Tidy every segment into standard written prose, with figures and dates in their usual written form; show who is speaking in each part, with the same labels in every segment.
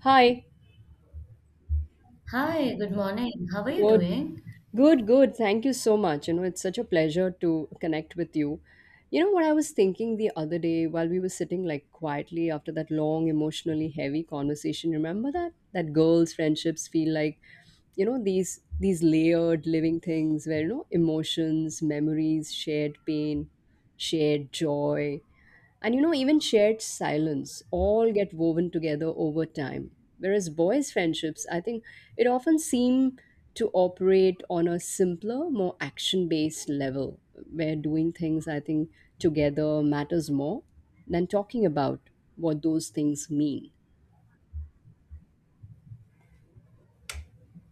Speaker 1: Hi.
Speaker 2: Hi, good morning. How are you
Speaker 1: Good.
Speaker 2: doing?
Speaker 1: Good, good. Thank you so much. It's such a pleasure to connect with you. You know what I was thinking the other day while we were sitting like quietly after that long, emotionally heavy conversation. Remember that? That girls' friendships feel like, these layered living things where, emotions, memories, shared pain, shared joy. And you know, even shared silence all get woven together over time. Whereas boys' friendships, I think it often seem to operate on a simpler, more action based level where doing things, I think, together matters more than talking about what those things mean.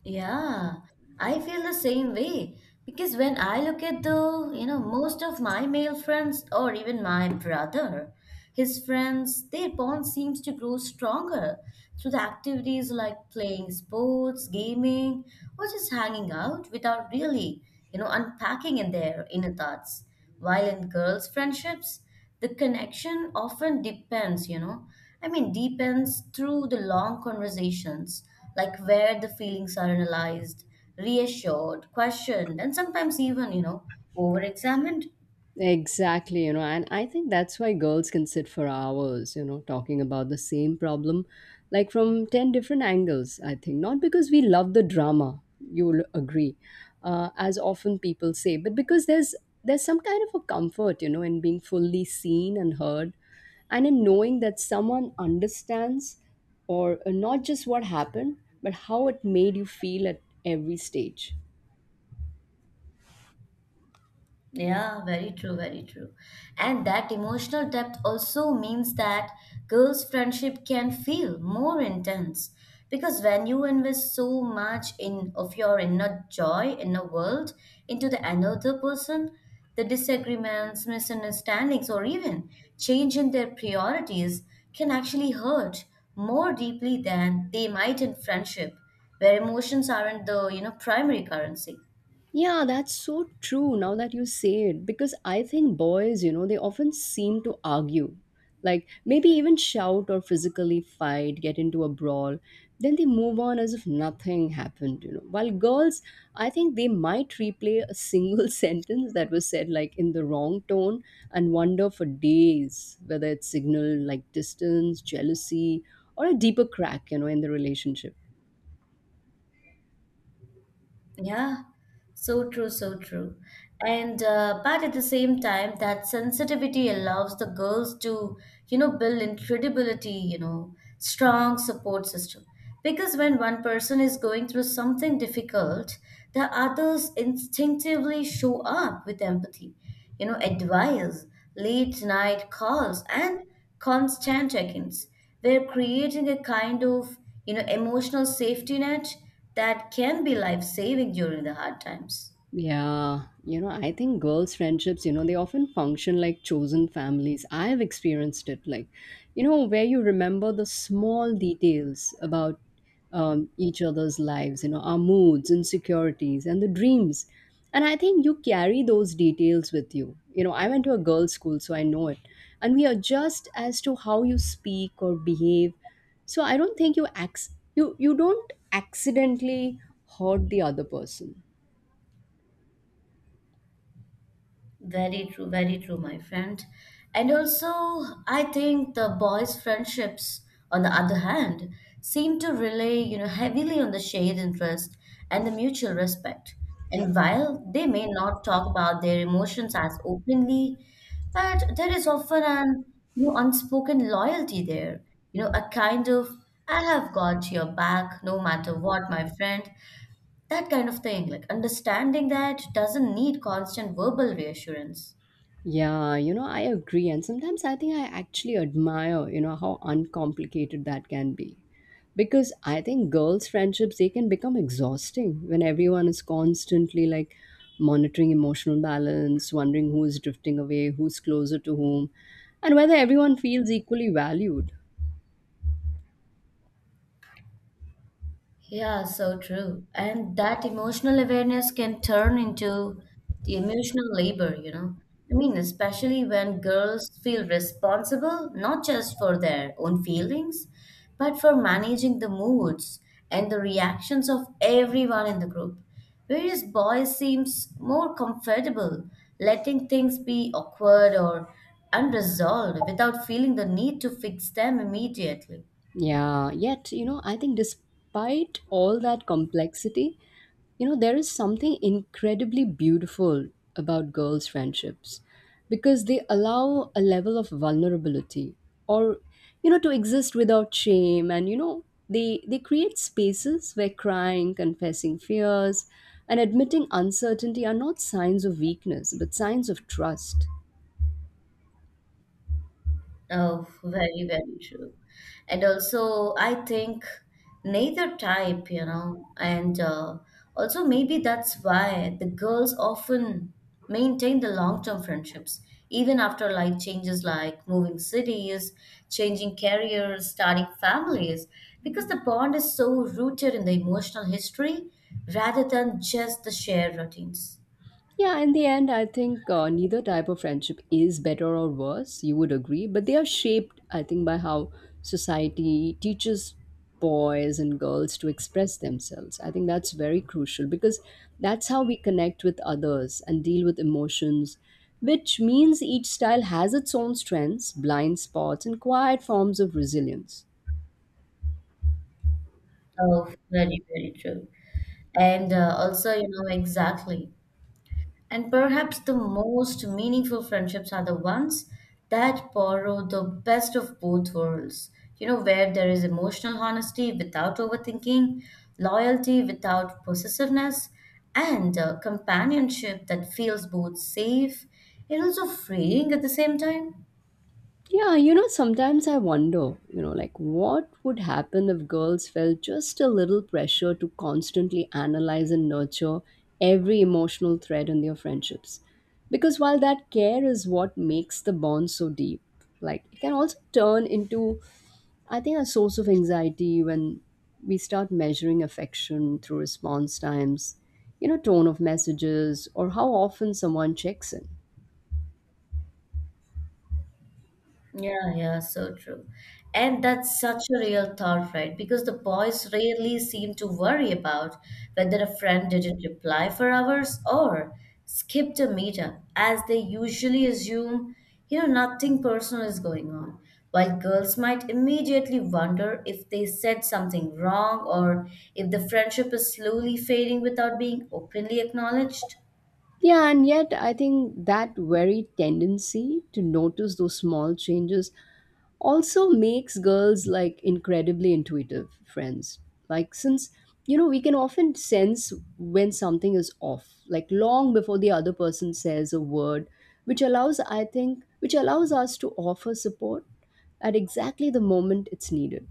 Speaker 2: Yeah, I feel the same way because when I look at the, most of my male friends or even my brother, his friends, their bond seems to grow stronger through the activities like playing sports, gaming, or just hanging out without really, unpacking in their inner thoughts. While in girls' friendships, the connection often depends, I mean, deepens through the long conversations, like where the feelings are analyzed, reassured, questioned, and sometimes even, over examined.
Speaker 1: Exactly, and I think that's why girls can sit for hours, talking about the same problem, like from 10 different angles, I think. Not because we love the drama, you'll agree, as often people say, but because there's some kind of a comfort, in being fully seen and heard, and in knowing that someone understands, or not just what happened, but how it made you feel at every stage.
Speaker 2: Yeah, very true, very true. And that emotional depth also means that girls' friendship can feel more intense because when you invest so much in of your inner joy, inner world into the another person, the disagreements, misunderstandings, or even change in their priorities can actually hurt more deeply than they might in friendship, where emotions aren't the, primary currency.
Speaker 1: Yeah, that's so true now that you say it. Because I think boys, they often seem to argue, like maybe even shout or physically fight, get into a brawl. Then they move on as if nothing happened, While girls, I think they might replay a single sentence that was said like in the wrong tone and wonder for days whether it signaled like distance, jealousy, or a deeper crack, in the relationship.
Speaker 2: Yeah, so true, so true. And but at the same time, that sensitivity allows the girls to, build incredibility, strong support system. Because when one person is going through something difficult, the others instinctively show up with empathy, advice, late night calls, and constant check-ins. We're creating a kind of, emotional safety net that can be life-saving during the hard times.
Speaker 1: Yeah, I think girls' friendships, they often function like chosen families. I have experienced it, like, where you remember the small details about each other's lives, our moods, insecurities, and the dreams. And I think you carry those details with you. You know, I went to a girls' school, so I know it. And we adjust as to how you speak or behave. So I don't think you you don't accidentally hurt the other person.
Speaker 2: Very true, my friend. And also, I think the boys' friendships, on the other hand, seem to rely, heavily on the shared interest and the mutual respect. And while they may not talk about their emotions as openly, but there is often an, unspoken loyalty there. You know, a kind of I have got your back no matter what, my friend, that kind of thing, like understanding that doesn't need constant verbal reassurance.
Speaker 1: Yeah, I agree. And sometimes I think I actually admire, how uncomplicated that can be. Because I think girls' friendships, they can become exhausting when everyone is constantly like monitoring emotional balance, wondering who is drifting away, who's closer to whom, and whether everyone feels equally valued.
Speaker 2: Yeah, so true. And that emotional awareness can turn into the emotional labor, I mean, especially when girls feel responsible not just for their own feelings, but for managing the moods and the reactions of everyone in the group. Whereas boys seems more comfortable letting things be awkward or unresolved without feeling the need to fix them immediately.
Speaker 1: Yeah, yet, I think despite all that complexity, there is something incredibly beautiful about girls' friendships because they allow a level of vulnerability or, to exist without shame. And, they create spaces where crying, confessing fears, and admitting uncertainty are not signs of weakness, but signs of trust.
Speaker 2: Oh, very, very true. And also, I think neither type, you know, and also maybe that's why the girls often maintain the long-term friendships, even after life changes like moving cities, changing careers, starting families, because the bond is so rooted in the emotional history rather than just the shared routines.
Speaker 1: Yeah, in the end, I think neither type of friendship is better or worse. You would agree, but they are shaped, I think, by how society teaches boys and girls to express themselves. I think that's very crucial because that's how we connect with others and deal with emotions, which means each style has its own strengths, blind spots, and quiet forms of resilience.
Speaker 2: Oh, very, very true. And also, you know, exactly. And perhaps the most meaningful friendships are the ones that borrow the best of both worlds. You know, where there is emotional honesty without overthinking, loyalty without possessiveness, and a companionship that feels both safe and also freeing at the same time.
Speaker 1: Yeah, sometimes I wonder, like what would happen if girls felt just a little pressure to constantly analyze and nurture every emotional thread in their friendships. Because while that care is what makes the bond so deep, like it can also turn into, I think, a source of anxiety when we start measuring affection through response times, tone of messages, or how often someone checks in.
Speaker 2: Yeah, yeah, so true. And that's such a real thought, right? Because the boys rarely seem to worry about whether a friend didn't reply for hours or skipped a meetup, as they usually assume, nothing personal is going on. While girls might immediately wonder if they said something wrong or if the friendship is slowly fading without being openly acknowledged.
Speaker 1: Yeah, and yet I think that very tendency to notice those small changes also makes girls like incredibly intuitive friends. Like, since we can often sense when something is off, like long before the other person says a word, which allows, which allows us to offer support at exactly the moment it's needed.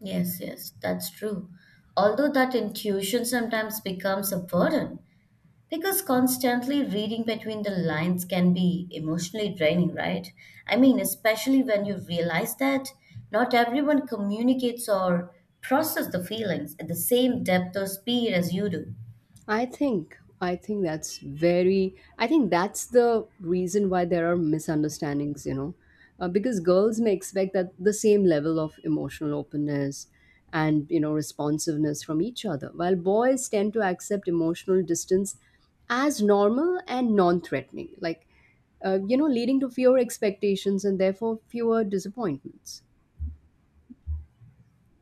Speaker 2: Yes, yes, that's true. Although that intuition sometimes becomes a burden, because constantly reading between the lines can be emotionally draining, right? I mean, especially when you realize that not everyone communicates or process the feelings at the same depth or speed as you do.
Speaker 1: I think that's very I think that's the reason why there are misunderstandings, because girls may expect that the same level of emotional openness and you know responsiveness from each other, while boys tend to accept emotional distance as normal and non-threatening, like leading to fewer expectations and therefore fewer disappointments.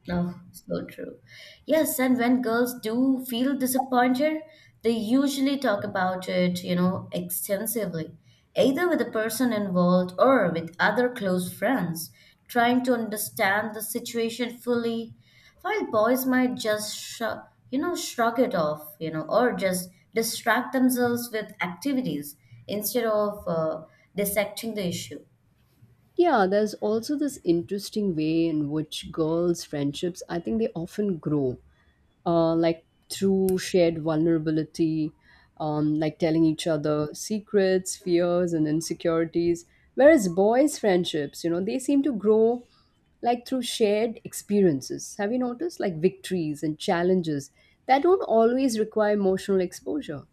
Speaker 2: Oh, so true. Yes, and when girls do feel disappointed, they usually talk about it, extensively, either with the person involved or with other close friends, trying to understand the situation fully, while boys might just shrug, shrug it off, or just distract themselves with activities instead of dissecting the issue.
Speaker 1: Yeah, there's also this interesting way in which girls' friendships, I think they often grow like through shared vulnerability, like telling each other secrets, fears, and insecurities. Whereas boys' friendships, they seem to grow like through shared experiences. Have you noticed? Like victories and challenges that don't always require emotional exposure.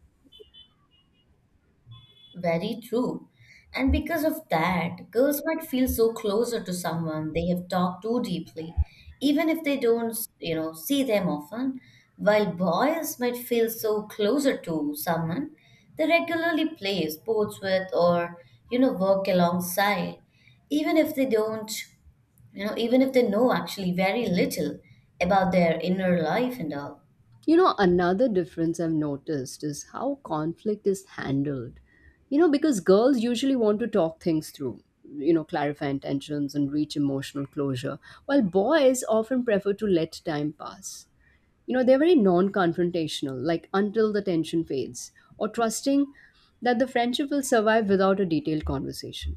Speaker 2: Very true. And because of that, girls might feel so closer to someone they have talked to deeply, even if they don't, see them often, while boys might feel so closer to someone they regularly play sports with or, work alongside, even if they don't, even if they know actually very little about their inner life and all.
Speaker 1: You know, another difference I've noticed is how conflict is handled. You know, because girls usually want to talk things through, clarify intentions and reach emotional closure, while boys often prefer to let time pass. You know, they're very non confrontational, like until the tension fades, or trusting that the friendship will survive without a detailed conversation.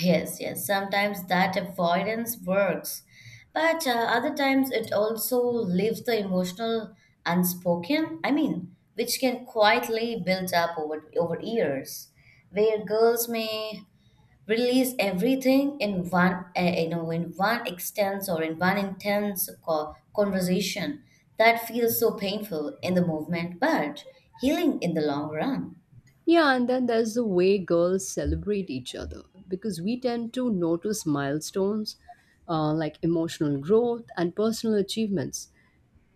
Speaker 2: Yes, yes. Sometimes that avoidance works, but other times it also leaves the emotional unspoken. I mean, which can quietly build up over years, where girls may release everything in one, you know, in one extense or in one intense conversation that feels so painful in the moment, but healing in the long run.
Speaker 1: Yeah, and then there's the way girls celebrate each other because we tend to notice milestones like emotional growth and personal achievements.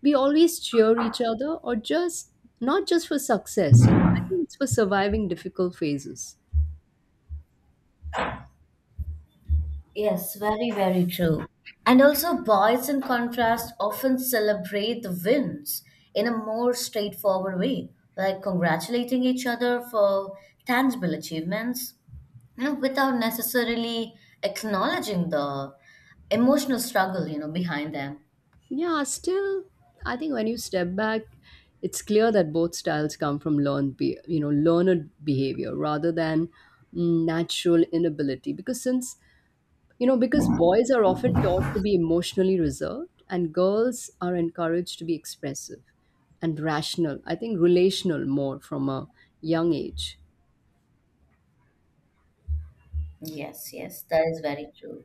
Speaker 1: We always cheer each other, or just not just for success, I think it's for surviving difficult phases.
Speaker 2: Yes, very, very true. And also, boys, in contrast, often celebrate the wins in a more straightforward way, like congratulating each other for tangible achievements, without necessarily acknowledging the emotional struggle, behind them.
Speaker 1: Yeah, still, I think when you step back, it's clear that both styles come from learned, learned behavior rather than natural inability. Because since You know, because boys are often taught to be emotionally reserved and girls are encouraged to be expressive and rational, I think relational more from a young age.
Speaker 2: Yes, yes, that is very true.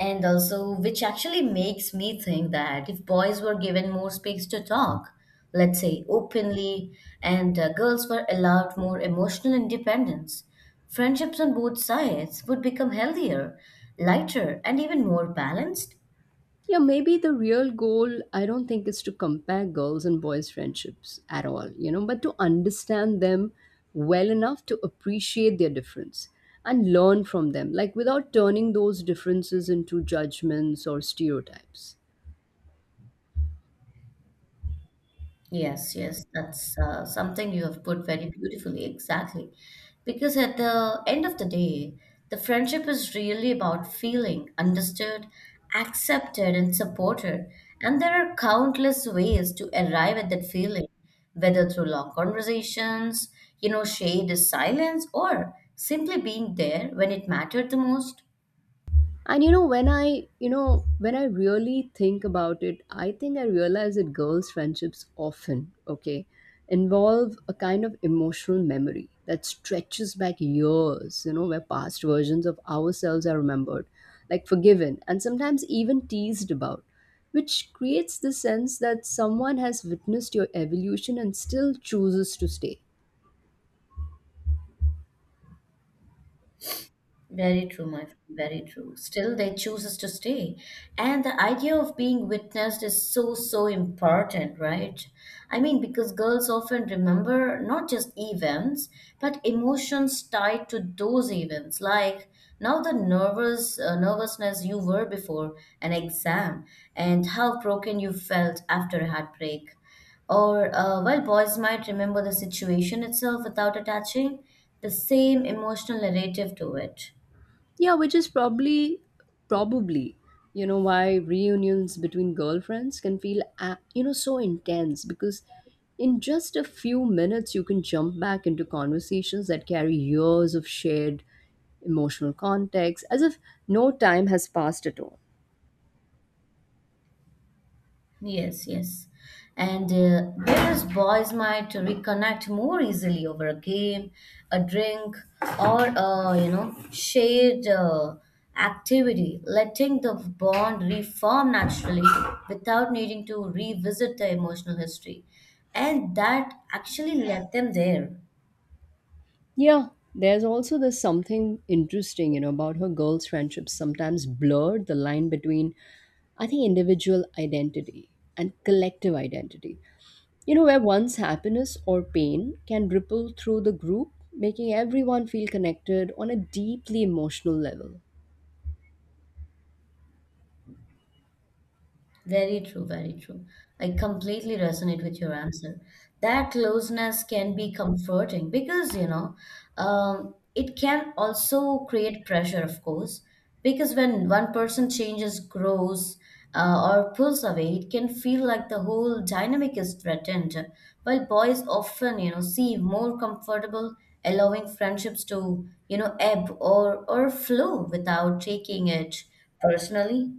Speaker 2: And also, which actually makes me think that if boys were given more space to talk, let's say openly, and girls were allowed more emotional independence, friendships on both sides would become healthier, lighter, and even more balanced.
Speaker 1: Yeah, maybe the real goal, I don't think, is to compare girls and boys' friendships at all, but to understand them well enough to appreciate their difference and learn from them, like without turning those differences into judgments or stereotypes.
Speaker 2: Yes, yes, that's something you have put very beautifully, exactly. Because at the end of the day, the friendship is really about feeling understood, accepted, and supported. And there are countless ways to arrive at that feeling, whether through long conversations, shade is silence, or simply being there when it mattered the most.
Speaker 1: And you know, when I really think about it, I think I realize that girls' friendships often, okay, involve a kind of emotional memory that stretches back years, where past versions of ourselves are remembered, like forgiven, and sometimes even teased about, which creates the sense that someone has witnessed your evolution and still chooses to stay.
Speaker 2: Very true, my friend, very true. Still, they chooses to stay. And the idea of being witnessed is so, so important, right? I mean, because girls often remember not just events, but emotions tied to those events, like now the nervousness you were before an exam and how broken you felt after a heartbreak. Or while boys might remember the situation itself without attaching the same emotional narrative to it.
Speaker 1: Yeah, which is probably why reunions between girlfriends can feel, so intense because in just a few minutes you can jump back into conversations that carry years of shared emotional context as if no time has passed at all.
Speaker 2: Yes, yes. And whereas boys might reconnect more easily over a game, a drink, or shared activity, letting the bond reform naturally without needing to revisit the emotional history. And that actually left them there.
Speaker 1: Yeah, there's also this something interesting, about her girls' friendships sometimes blurred the line between, I think, individual identity and collective identity. You know, where one's happiness or pain can ripple through the group, making everyone feel connected on a deeply emotional level.
Speaker 2: Very true, very true. I completely resonate with your answer. That closeness can be comforting because, it can also create pressure, of course, because when one person changes, grows, or pulls away, it can feel like the whole dynamic is threatened. While boys often, seem more comfortable allowing friendships to, ebb or flow without taking it personally.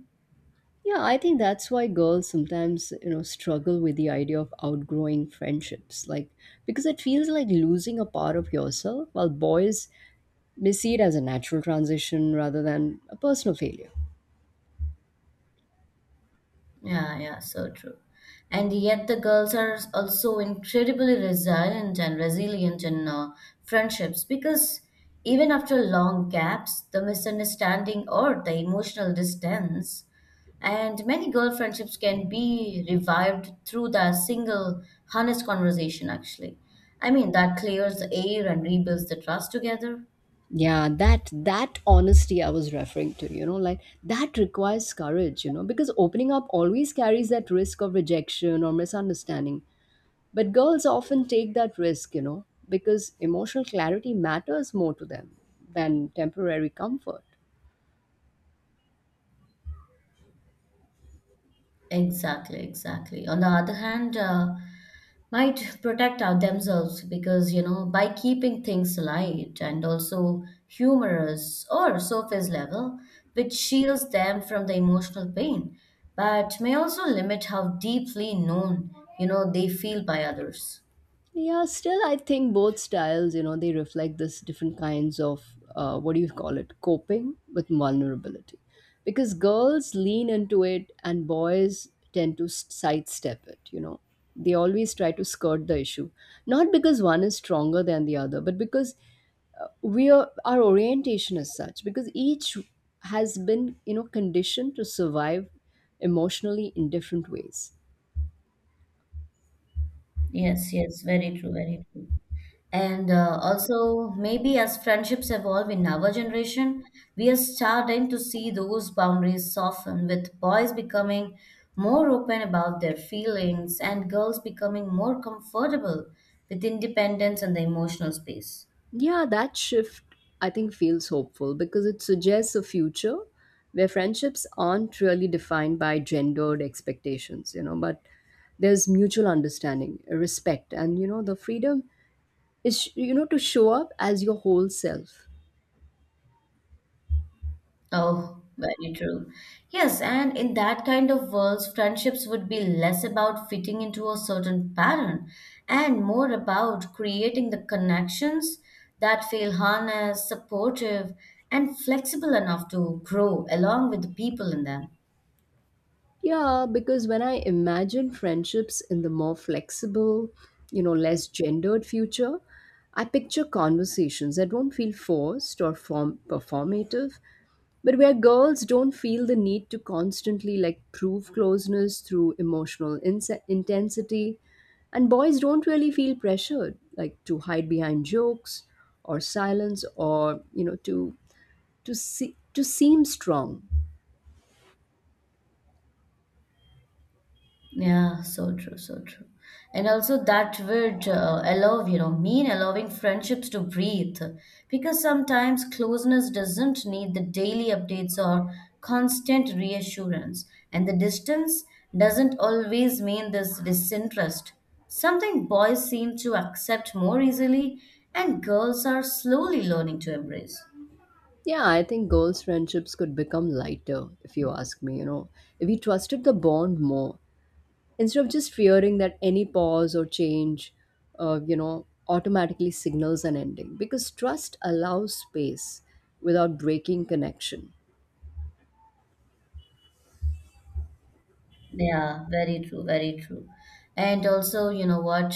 Speaker 1: Yeah, I think that's why girls sometimes, struggle with the idea of outgrowing friendships. Like, because it feels like losing a part of yourself, while boys may see it as a natural transition rather than a personal failure.
Speaker 2: Yeah, yeah, so true. And yet the girls are also incredibly resilient and resilient in friendships because even after long gaps, the misunderstanding or the emotional distance, and many girl friendships can be revived through that single honest conversation, actually. I mean, that clears the air and rebuilds the trust together.
Speaker 1: Yeah, that honesty I was referring to, like that requires courage, because opening up always carries that risk of rejection or misunderstanding. But girls often take that risk, because emotional clarity matters more to them than temporary comfort.
Speaker 2: Exactly, exactly. On the other hand, might protect our themselves because, you know, by keeping things light and also humorous or surface level, which shields them from the emotional pain, but may also limit how deeply known, they feel by others.
Speaker 1: Yeah, still, I think both styles, they reflect this different kinds of what do you call it, coping with vulnerability. Because girls lean into it and boys tend to sidestep it, you know. They always try to skirt the issue. Not because one is stronger than the other, but because we are, our orientation is such because each has been you know conditioned to survive emotionally in different ways.
Speaker 2: Yes, yes, very true, very true. And also, maybe as friendships evolve in our generation, we are starting to see those boundaries soften, with boys becoming more open about their feelings and girls becoming more comfortable with independence and the emotional space.
Speaker 1: Yeah, that shift, I think, feels hopeful because it suggests a future where friendships aren't really defined by gendered expectations, you know, but there's mutual understanding, respect, and you know the freedom is you know to show up as your whole self.
Speaker 2: Oh, very true. Yes, and in that kind of world, friendships would be less about fitting into a certain pattern and more about creating the connections that feel honest, supportive, and flexible enough to grow along with the people in them.
Speaker 1: Yeah, because when I imagine friendships in the more flexible, less gendered future, I picture conversations that don't feel forced or form performative, but where girls don't feel the need to constantly like prove closeness through emotional intensity, and boys don't really feel pressured like to hide behind jokes or silence or, to seem strong.
Speaker 2: Yeah, so true, so true. And also that would allow, mean allowing friendships to breathe because sometimes closeness doesn't need the daily updates or constant reassurance, and the distance doesn't always mean this disinterest. Something boys seem to accept more easily, and girls are slowly learning to embrace.
Speaker 1: Yeah, I think girls' friendships could become lighter, if you ask me, if we trusted the bond more, instead of just fearing that any pause or change, automatically signals an ending. Because trust allows space without breaking connection.
Speaker 2: Yeah, very true, very true. And also, you know what?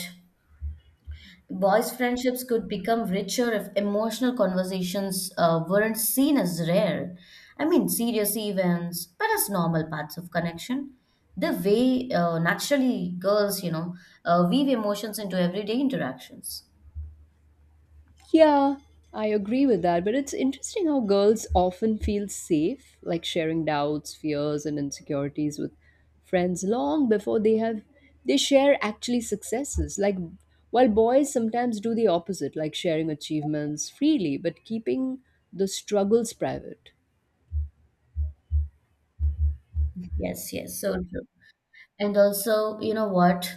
Speaker 2: Boys' friendships could become richer if emotional conversations weren't seen as rare. I mean, serious events, but as normal parts of connection. The way naturally girls, weave emotions into everyday interactions.
Speaker 1: Yeah, I agree with that. But it's interesting how girls often feel safe, like sharing doubts, fears, and insecurities with friends long before they share actually successes. Like while boys sometimes do the opposite, like sharing achievements freely, but keeping the struggles private.
Speaker 2: Yes, yes, so true. And also, you know what?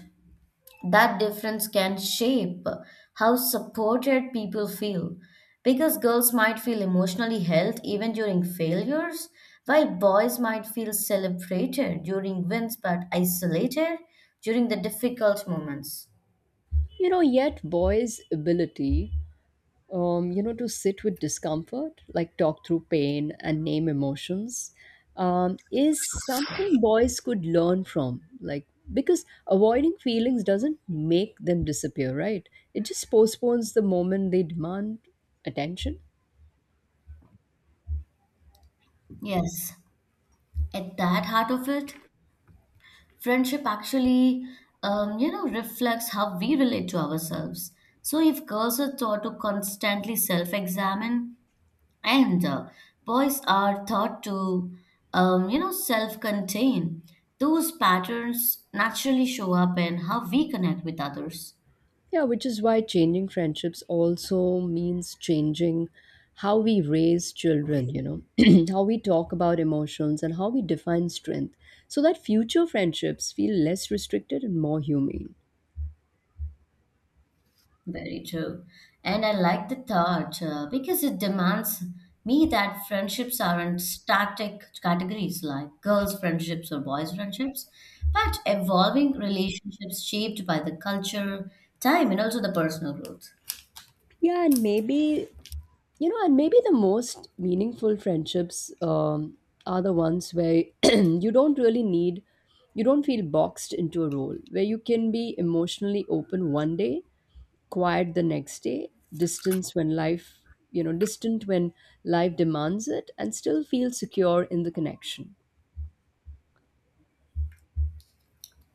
Speaker 2: That difference can shape how supported people feel, because girls might feel emotionally held even during failures, while boys might feel celebrated during wins but isolated during the difficult moments.
Speaker 1: You know, yet boys' ability to sit with discomfort, like talk through pain and name emotions, is something boys could learn from. Like, because avoiding feelings doesn't make them disappear, right? It just postpones the moment they demand attention.
Speaker 2: Yes, at that heart of it, friendship actually, reflects how we relate to ourselves. So if girls are taught to constantly self-examine, and boys are taught to, self contain. Those patterns naturally show up in how we connect with others.
Speaker 1: Yeah, which is why changing friendships also means changing how we raise children, how we talk about emotions and how we define strength so that future friendships feel less restricted and more humane.
Speaker 2: Very true. And I like the thought, because it demands me that friendships aren't static categories like girls' friendships or boys' friendships, but evolving relationships shaped by the culture, time, and also the personal growth.
Speaker 1: Yeah, and maybe the most meaningful friendships are the ones where you don't feel boxed into a role, where you can be emotionally open one day, quiet the next day, distance when life, you know, distant when life demands it, and still feel secure in the connection.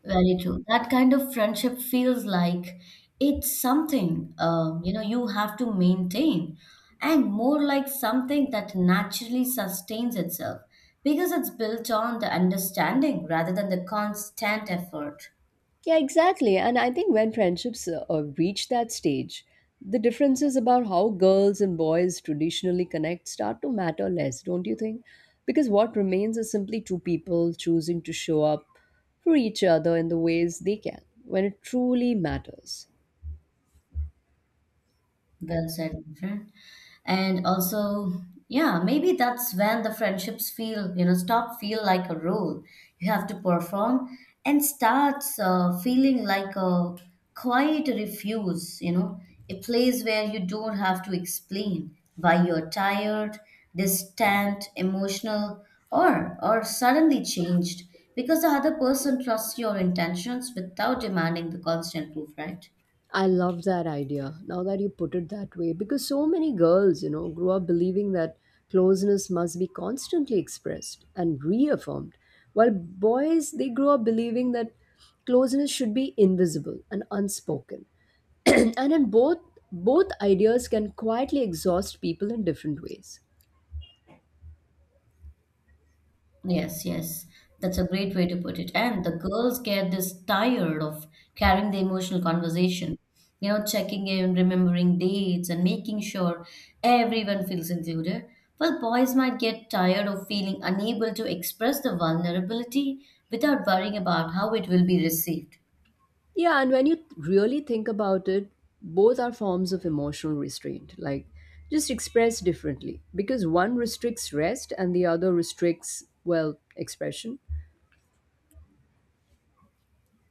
Speaker 2: Very true. That kind of friendship feels like it's something you have to maintain, and more like something that naturally sustains itself because it's built on the understanding rather than the constant effort.
Speaker 1: Yeah, exactly. And I think when friendships reach that stage, the differences about how girls and boys traditionally connect start to matter less, don't you think? Because what remains is simply two people choosing to show up for each other in the ways they can when it truly matters.
Speaker 2: Well said, my friend. And also, yeah, maybe that's when the friendships feel, stop feel like a role you have to perform and starts feeling like a quiet refuse, you know, a place where you don't have to explain why you're tired, distant, emotional, or suddenly changed because the other person trusts your intentions without demanding the constant proof, right?
Speaker 1: I love that idea now that you put it that way because so many girls, you know, grew up believing that closeness must be constantly expressed and reaffirmed, while boys, they grow up believing that closeness should be invisible and unspoken. And in both ideas can quietly exhaust people in different ways.
Speaker 2: Yes, yes. That's a great way to put it. And the girls get this tired of carrying the emotional conversation, you know, checking in, remembering dates, and making sure everyone feels included. Well, boys might get tired of feeling unable to express the vulnerability without worrying about how it will be received.
Speaker 1: Yeah, and when you really think about it, both are forms of emotional restraint, like just expressed differently because one restricts rest and the other restricts, well, expression.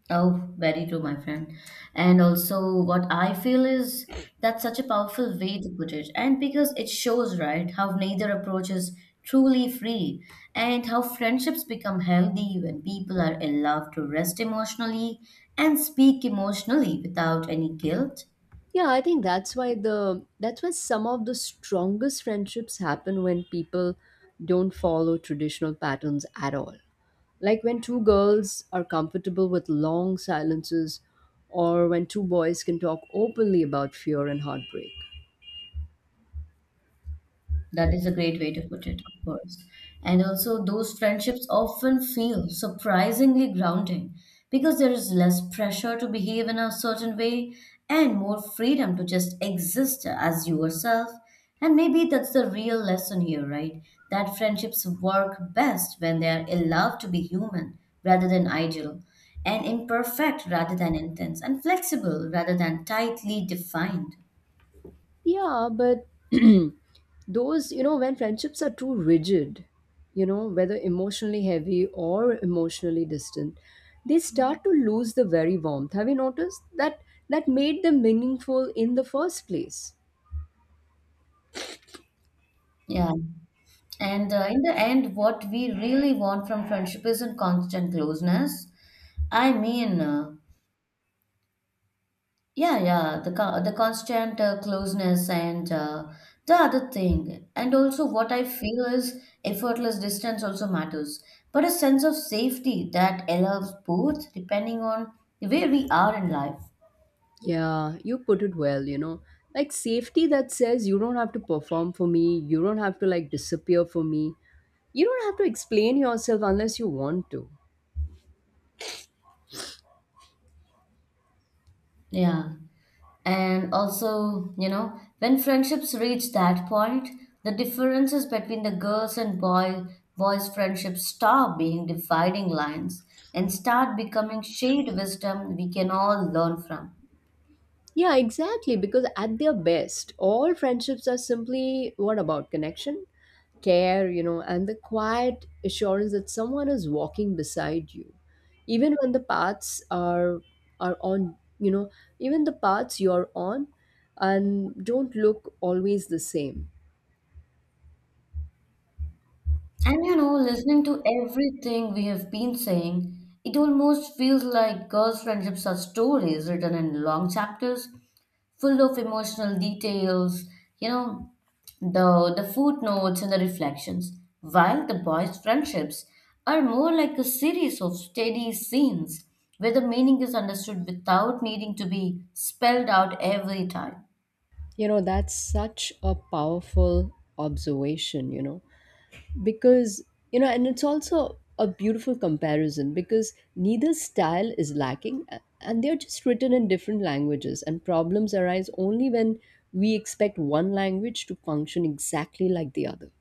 Speaker 2: Oh, very true, my friend. And also, what I feel is that's such a powerful way to put it. And because it shows, right, how neither approach is truly free and how friendships become healthy when people are allowed to rest emotionally and speak emotionally without any guilt.
Speaker 1: Yeah, I think that's why some of the strongest friendships happen when people don't follow traditional patterns at all. Like when two girls are comfortable with long silences or when two boys can talk openly about fear and heartbreak.
Speaker 2: That is a great way to put it, of course. And also, those friendships often feel surprisingly grounding because there is less pressure to behave in a certain way and more freedom to just exist as yourself. And maybe that's the real lesson here, right? That friendships work best when they are allowed to be human rather than ideal, and imperfect rather than intense, and flexible rather than tightly defined.
Speaker 1: Yeah, but those, you know, when friendships are too rigid, you know, whether emotionally heavy or emotionally distant, they start to lose the very warmth. Have you noticed that that made them meaningful in the first place?
Speaker 2: Yeah. And in the end, what we really want from friendship isn't constant closeness. I mean, yeah, yeah, the constant closeness and the other thing, and also what I feel is effortless distance also matters, but a sense of safety that allows both, depending on where we are in life.
Speaker 1: Yeah, you put it well, you know. Like safety that says you don't have to perform for me, you don't have to like disappear for me. You don't have to explain yourself unless you want to.
Speaker 2: Yeah. And also, you know, when friendships reach that point, the differences between the girls and boys friendships stop being dividing lines and start becoming shared wisdom we can all learn from.
Speaker 1: Yeah, exactly. Because at their best, all friendships are simply what about connection, care, you know, and the quiet assurance that someone is walking beside you, even when the paths are on, you know, even the paths you're on, and don't look always the same.
Speaker 2: And you know, listening to everything we have been saying, it almost feels like girls' friendships are stories written in long chapters, full of emotional details, you know, the footnotes and the reflections. While the boys' friendships are more like a series of steady scenes where the meaning is understood without needing to be spelled out every time.
Speaker 1: You know, that's such a powerful observation. You know because you know and It's also a beautiful comparison because neither style is lacking and they're just written in different languages, and problems arise only when we expect one language to function exactly like the other.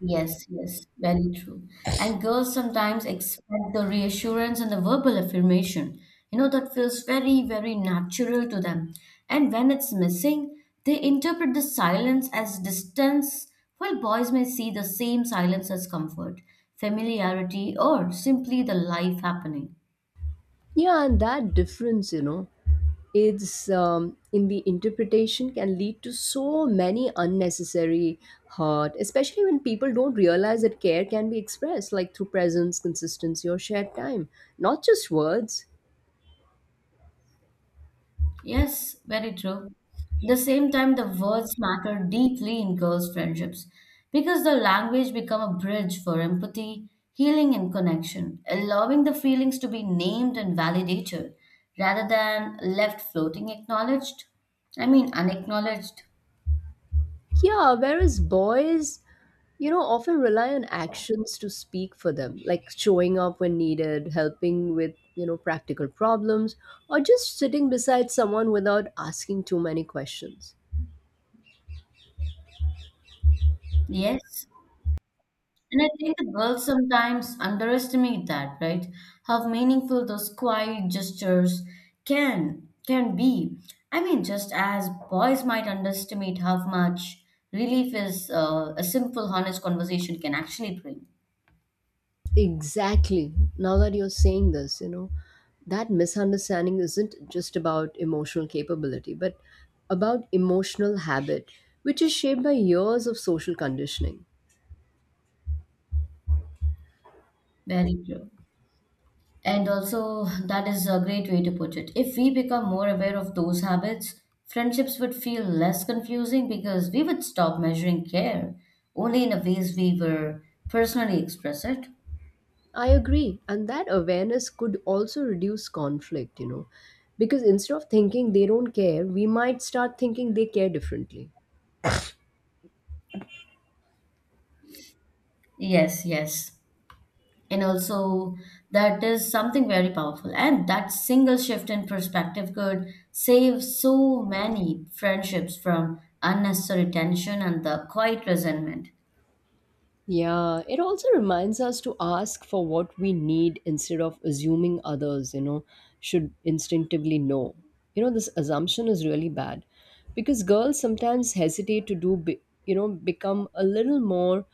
Speaker 2: Yes, yes, very true. And girls sometimes expect the reassurance and the verbal affirmation. You know, that feels very, very natural to them. And when it's missing, they interpret the silence as distance, while boys may see the same silence as comfort, familiarity, or simply the life happening.
Speaker 1: Yeah, and that difference, you know, it's in the interpretation, can lead to so many unnecessary hurt, especially when people don't realize that care can be expressed like through presence, consistency, or shared time, not just words.
Speaker 2: Yes, very true. At the same time, the words matter deeply in girls' friendships because the language become a bridge for empathy, healing, and connection, allowing the feelings to be named and validated rather than left floating acknowledged. I mean, unacknowledged.
Speaker 1: Yeah, whereas boys, you know, often rely on actions to speak for them, like showing up when needed, helping with, you know, practical problems, or just sitting beside someone without asking too many questions.
Speaker 2: Yes. And I think the girls sometimes underestimate that, right? How meaningful those quiet gestures can be. I mean, just as boys might underestimate how much relief is a simple, honest conversation can actually bring.
Speaker 1: Exactly. Now that you're saying this, you know, that misunderstanding isn't just about emotional capability, but about emotional habit, which is shaped by years of social conditioning.
Speaker 2: Very true. And also, that is a great way to put it. If we become more aware of those habits, friendships would feel less confusing because we would stop measuring care only in the ways we were personally express it.
Speaker 1: I agree. And that awareness could also reduce conflict, you know, because instead of thinking they don't care, we might start thinking they care differently.
Speaker 2: Yes, yes. And also, that is something very powerful. And that single shift in perspective could save so many friendships from unnecessary tension and the quiet resentment.
Speaker 1: Yeah, it also reminds us to ask for what we need instead of assuming others, you know, should instinctively know. You know, this assumption is really bad because girls sometimes hesitate to you know, become a little more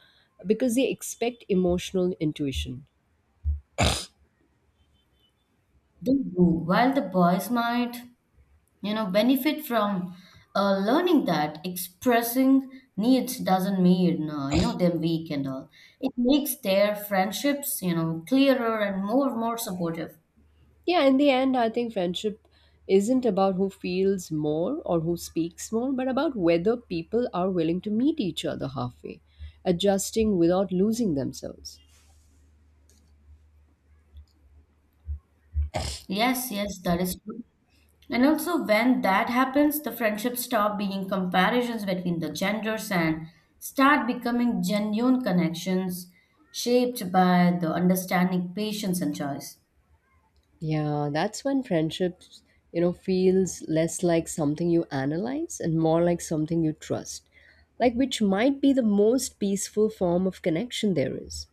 Speaker 1: because they expect emotional intuition.
Speaker 2: They do. While the boys might, you know, benefit from learning that expressing needs doesn't mean, them weak and all. It makes their friendships, you know, clearer and more supportive.
Speaker 1: Yeah, in the end, I think friendship isn't about who feels more or who speaks more, but about whether people are willing to meet each other halfway, adjusting without losing themselves.
Speaker 2: Yes, yes, that is true. And also, when that happens, the friendships stop being comparisons between the genders and start becoming genuine connections shaped by the understanding, patience, and choice.
Speaker 1: Yeah, that's when friendships, you know, feels less like something you analyze and more like something you trust, like which might be the most peaceful form of connection there is.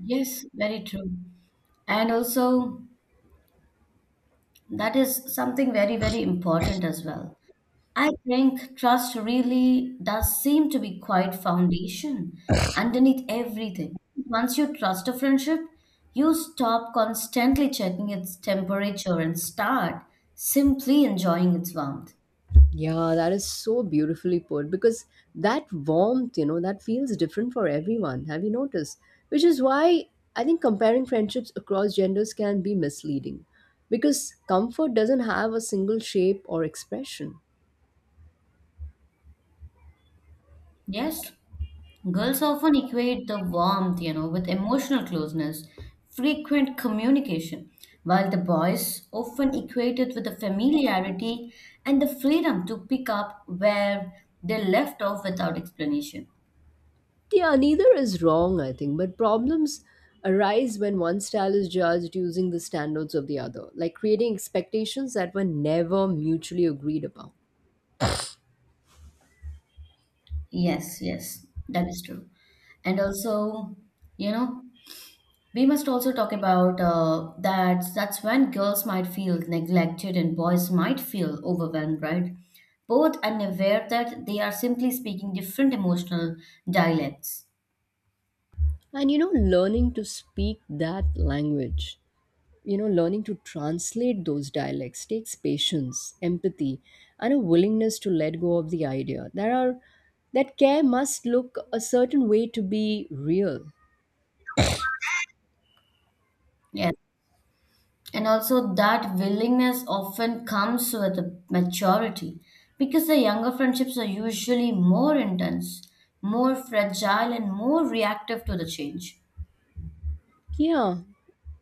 Speaker 2: Yes, very true. And also, that is something very, very important as well. I think trust really does seem to be quite foundation underneath everything. Once you trust a friendship, you stop constantly checking its temperature and start simply enjoying its warmth.
Speaker 1: Yeah, that is so beautifully put because that warmth, you know, that feels different for everyone. Have you noticed? Which is why I think comparing friendships across genders can be misleading because comfort doesn't have a single shape or expression.
Speaker 2: Yes, girls often equate the warmth, you know, with emotional closeness, frequent communication, while the boys often equate it with the familiarity and the freedom to pick up where they left off without explanation.
Speaker 1: Yeah, neither is wrong, I think, but problems arise when one style is judged using the standards of the other, like creating expectations that were never mutually agreed upon.
Speaker 2: Yes, yes, that is true. And also, you know, we must also talk about that's when girls might feel neglected and boys might feel overwhelmed, right? Both unaware that they are simply speaking different emotional dialects.
Speaker 1: And you know, learning to speak that language you know learning to translate those dialects takes patience, empathy, and a willingness to let go of the idea there are that care must look a certain way to be real.
Speaker 2: Yes. And also, that willingness often comes with a maturity because the younger friendships are usually more intense, more fragile, and more reactive to the change.
Speaker 1: Yeah,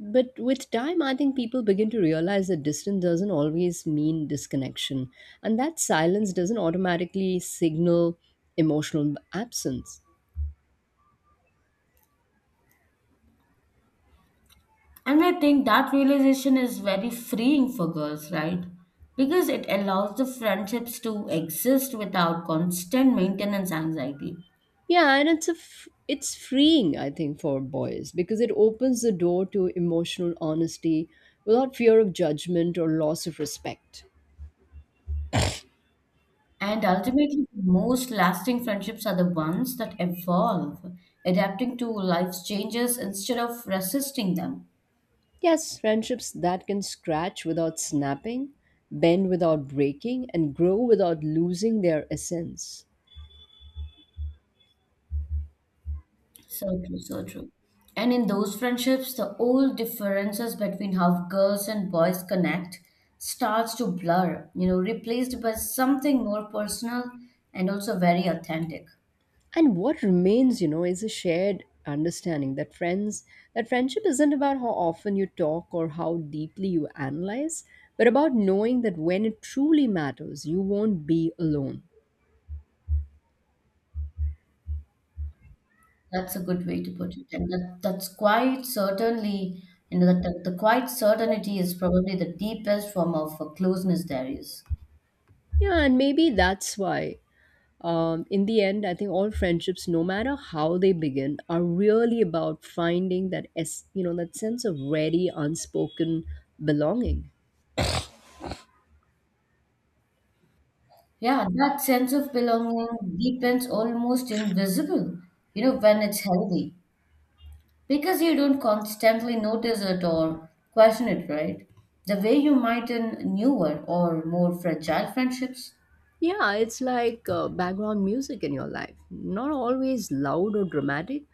Speaker 1: but with time, I think people begin to realize that distance doesn't always mean disconnection, and that silence doesn't automatically signal emotional absence.
Speaker 2: And I think that realization is very freeing for girls, right? Because it allows the friendships to exist without constant maintenance anxiety.
Speaker 1: Yeah, and it's freeing, I think, for boys because it opens the door to emotional honesty without fear of judgment or loss of respect.
Speaker 2: And ultimately, the most lasting friendships are the ones that evolve, adapting to life's changes instead of resisting them.
Speaker 1: Yes, friendships that can scratch without snapping, bend without breaking, and grow without losing their essence.
Speaker 2: So true, so true. And in those friendships, the old differences between how girls and boys connect starts to blur, you know, replaced by something more personal and also very authentic.
Speaker 1: And what remains, you know, is a shared understanding that friendship isn't about how often you talk or how deeply you analyze, but about knowing that when it truly matters, you won't be alone.
Speaker 2: That's a good way to put it. And that's quite certainly, you know, that the quite certainty is probably the deepest form of closeness there is.
Speaker 1: Yeah, and maybe that's why. In the end, I think all friendships, no matter how they begin, are really about finding that you know, that sense of ready, unspoken belonging.
Speaker 2: Yeah, that sense of belonging deepens almost invisible, you know, when it's healthy. Because you don't constantly notice it or question it, right? The way you might in newer or more fragile friendships.
Speaker 1: Yeah, it's like background music in your life. Not always loud or dramatic,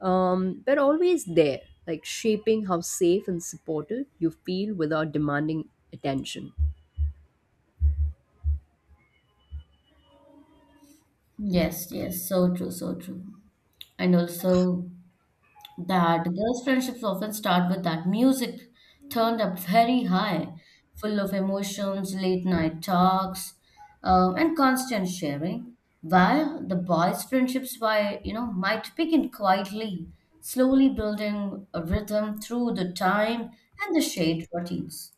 Speaker 1: but always there, like shaping how safe and supported you feel without demanding attention.
Speaker 2: Yes, yes, so true, so true. And also, that girls' friendships often start with that music turned up very high, full of emotions, late night talks, and constant sharing. While the boys' friendships, by you know, might begin quietly, slowly building a rhythm through the time and the shared routines.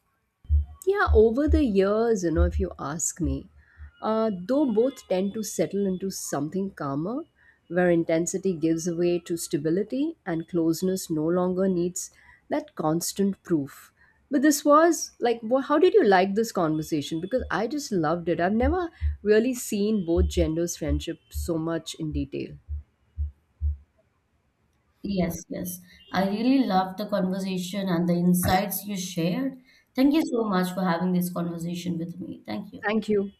Speaker 1: Yeah, over the years, you know, if you ask me, though both tend to settle into something calmer, where intensity gives way to stability and closeness no longer needs that constant proof. But this was like, how did you like this conversation? Because I just loved it. I've never really seen both genders' friendship so much in detail.
Speaker 2: Yes, yes. I really loved the conversation and the insights you shared. Thank you so much for having this conversation with me. Thank you.
Speaker 1: Thank you.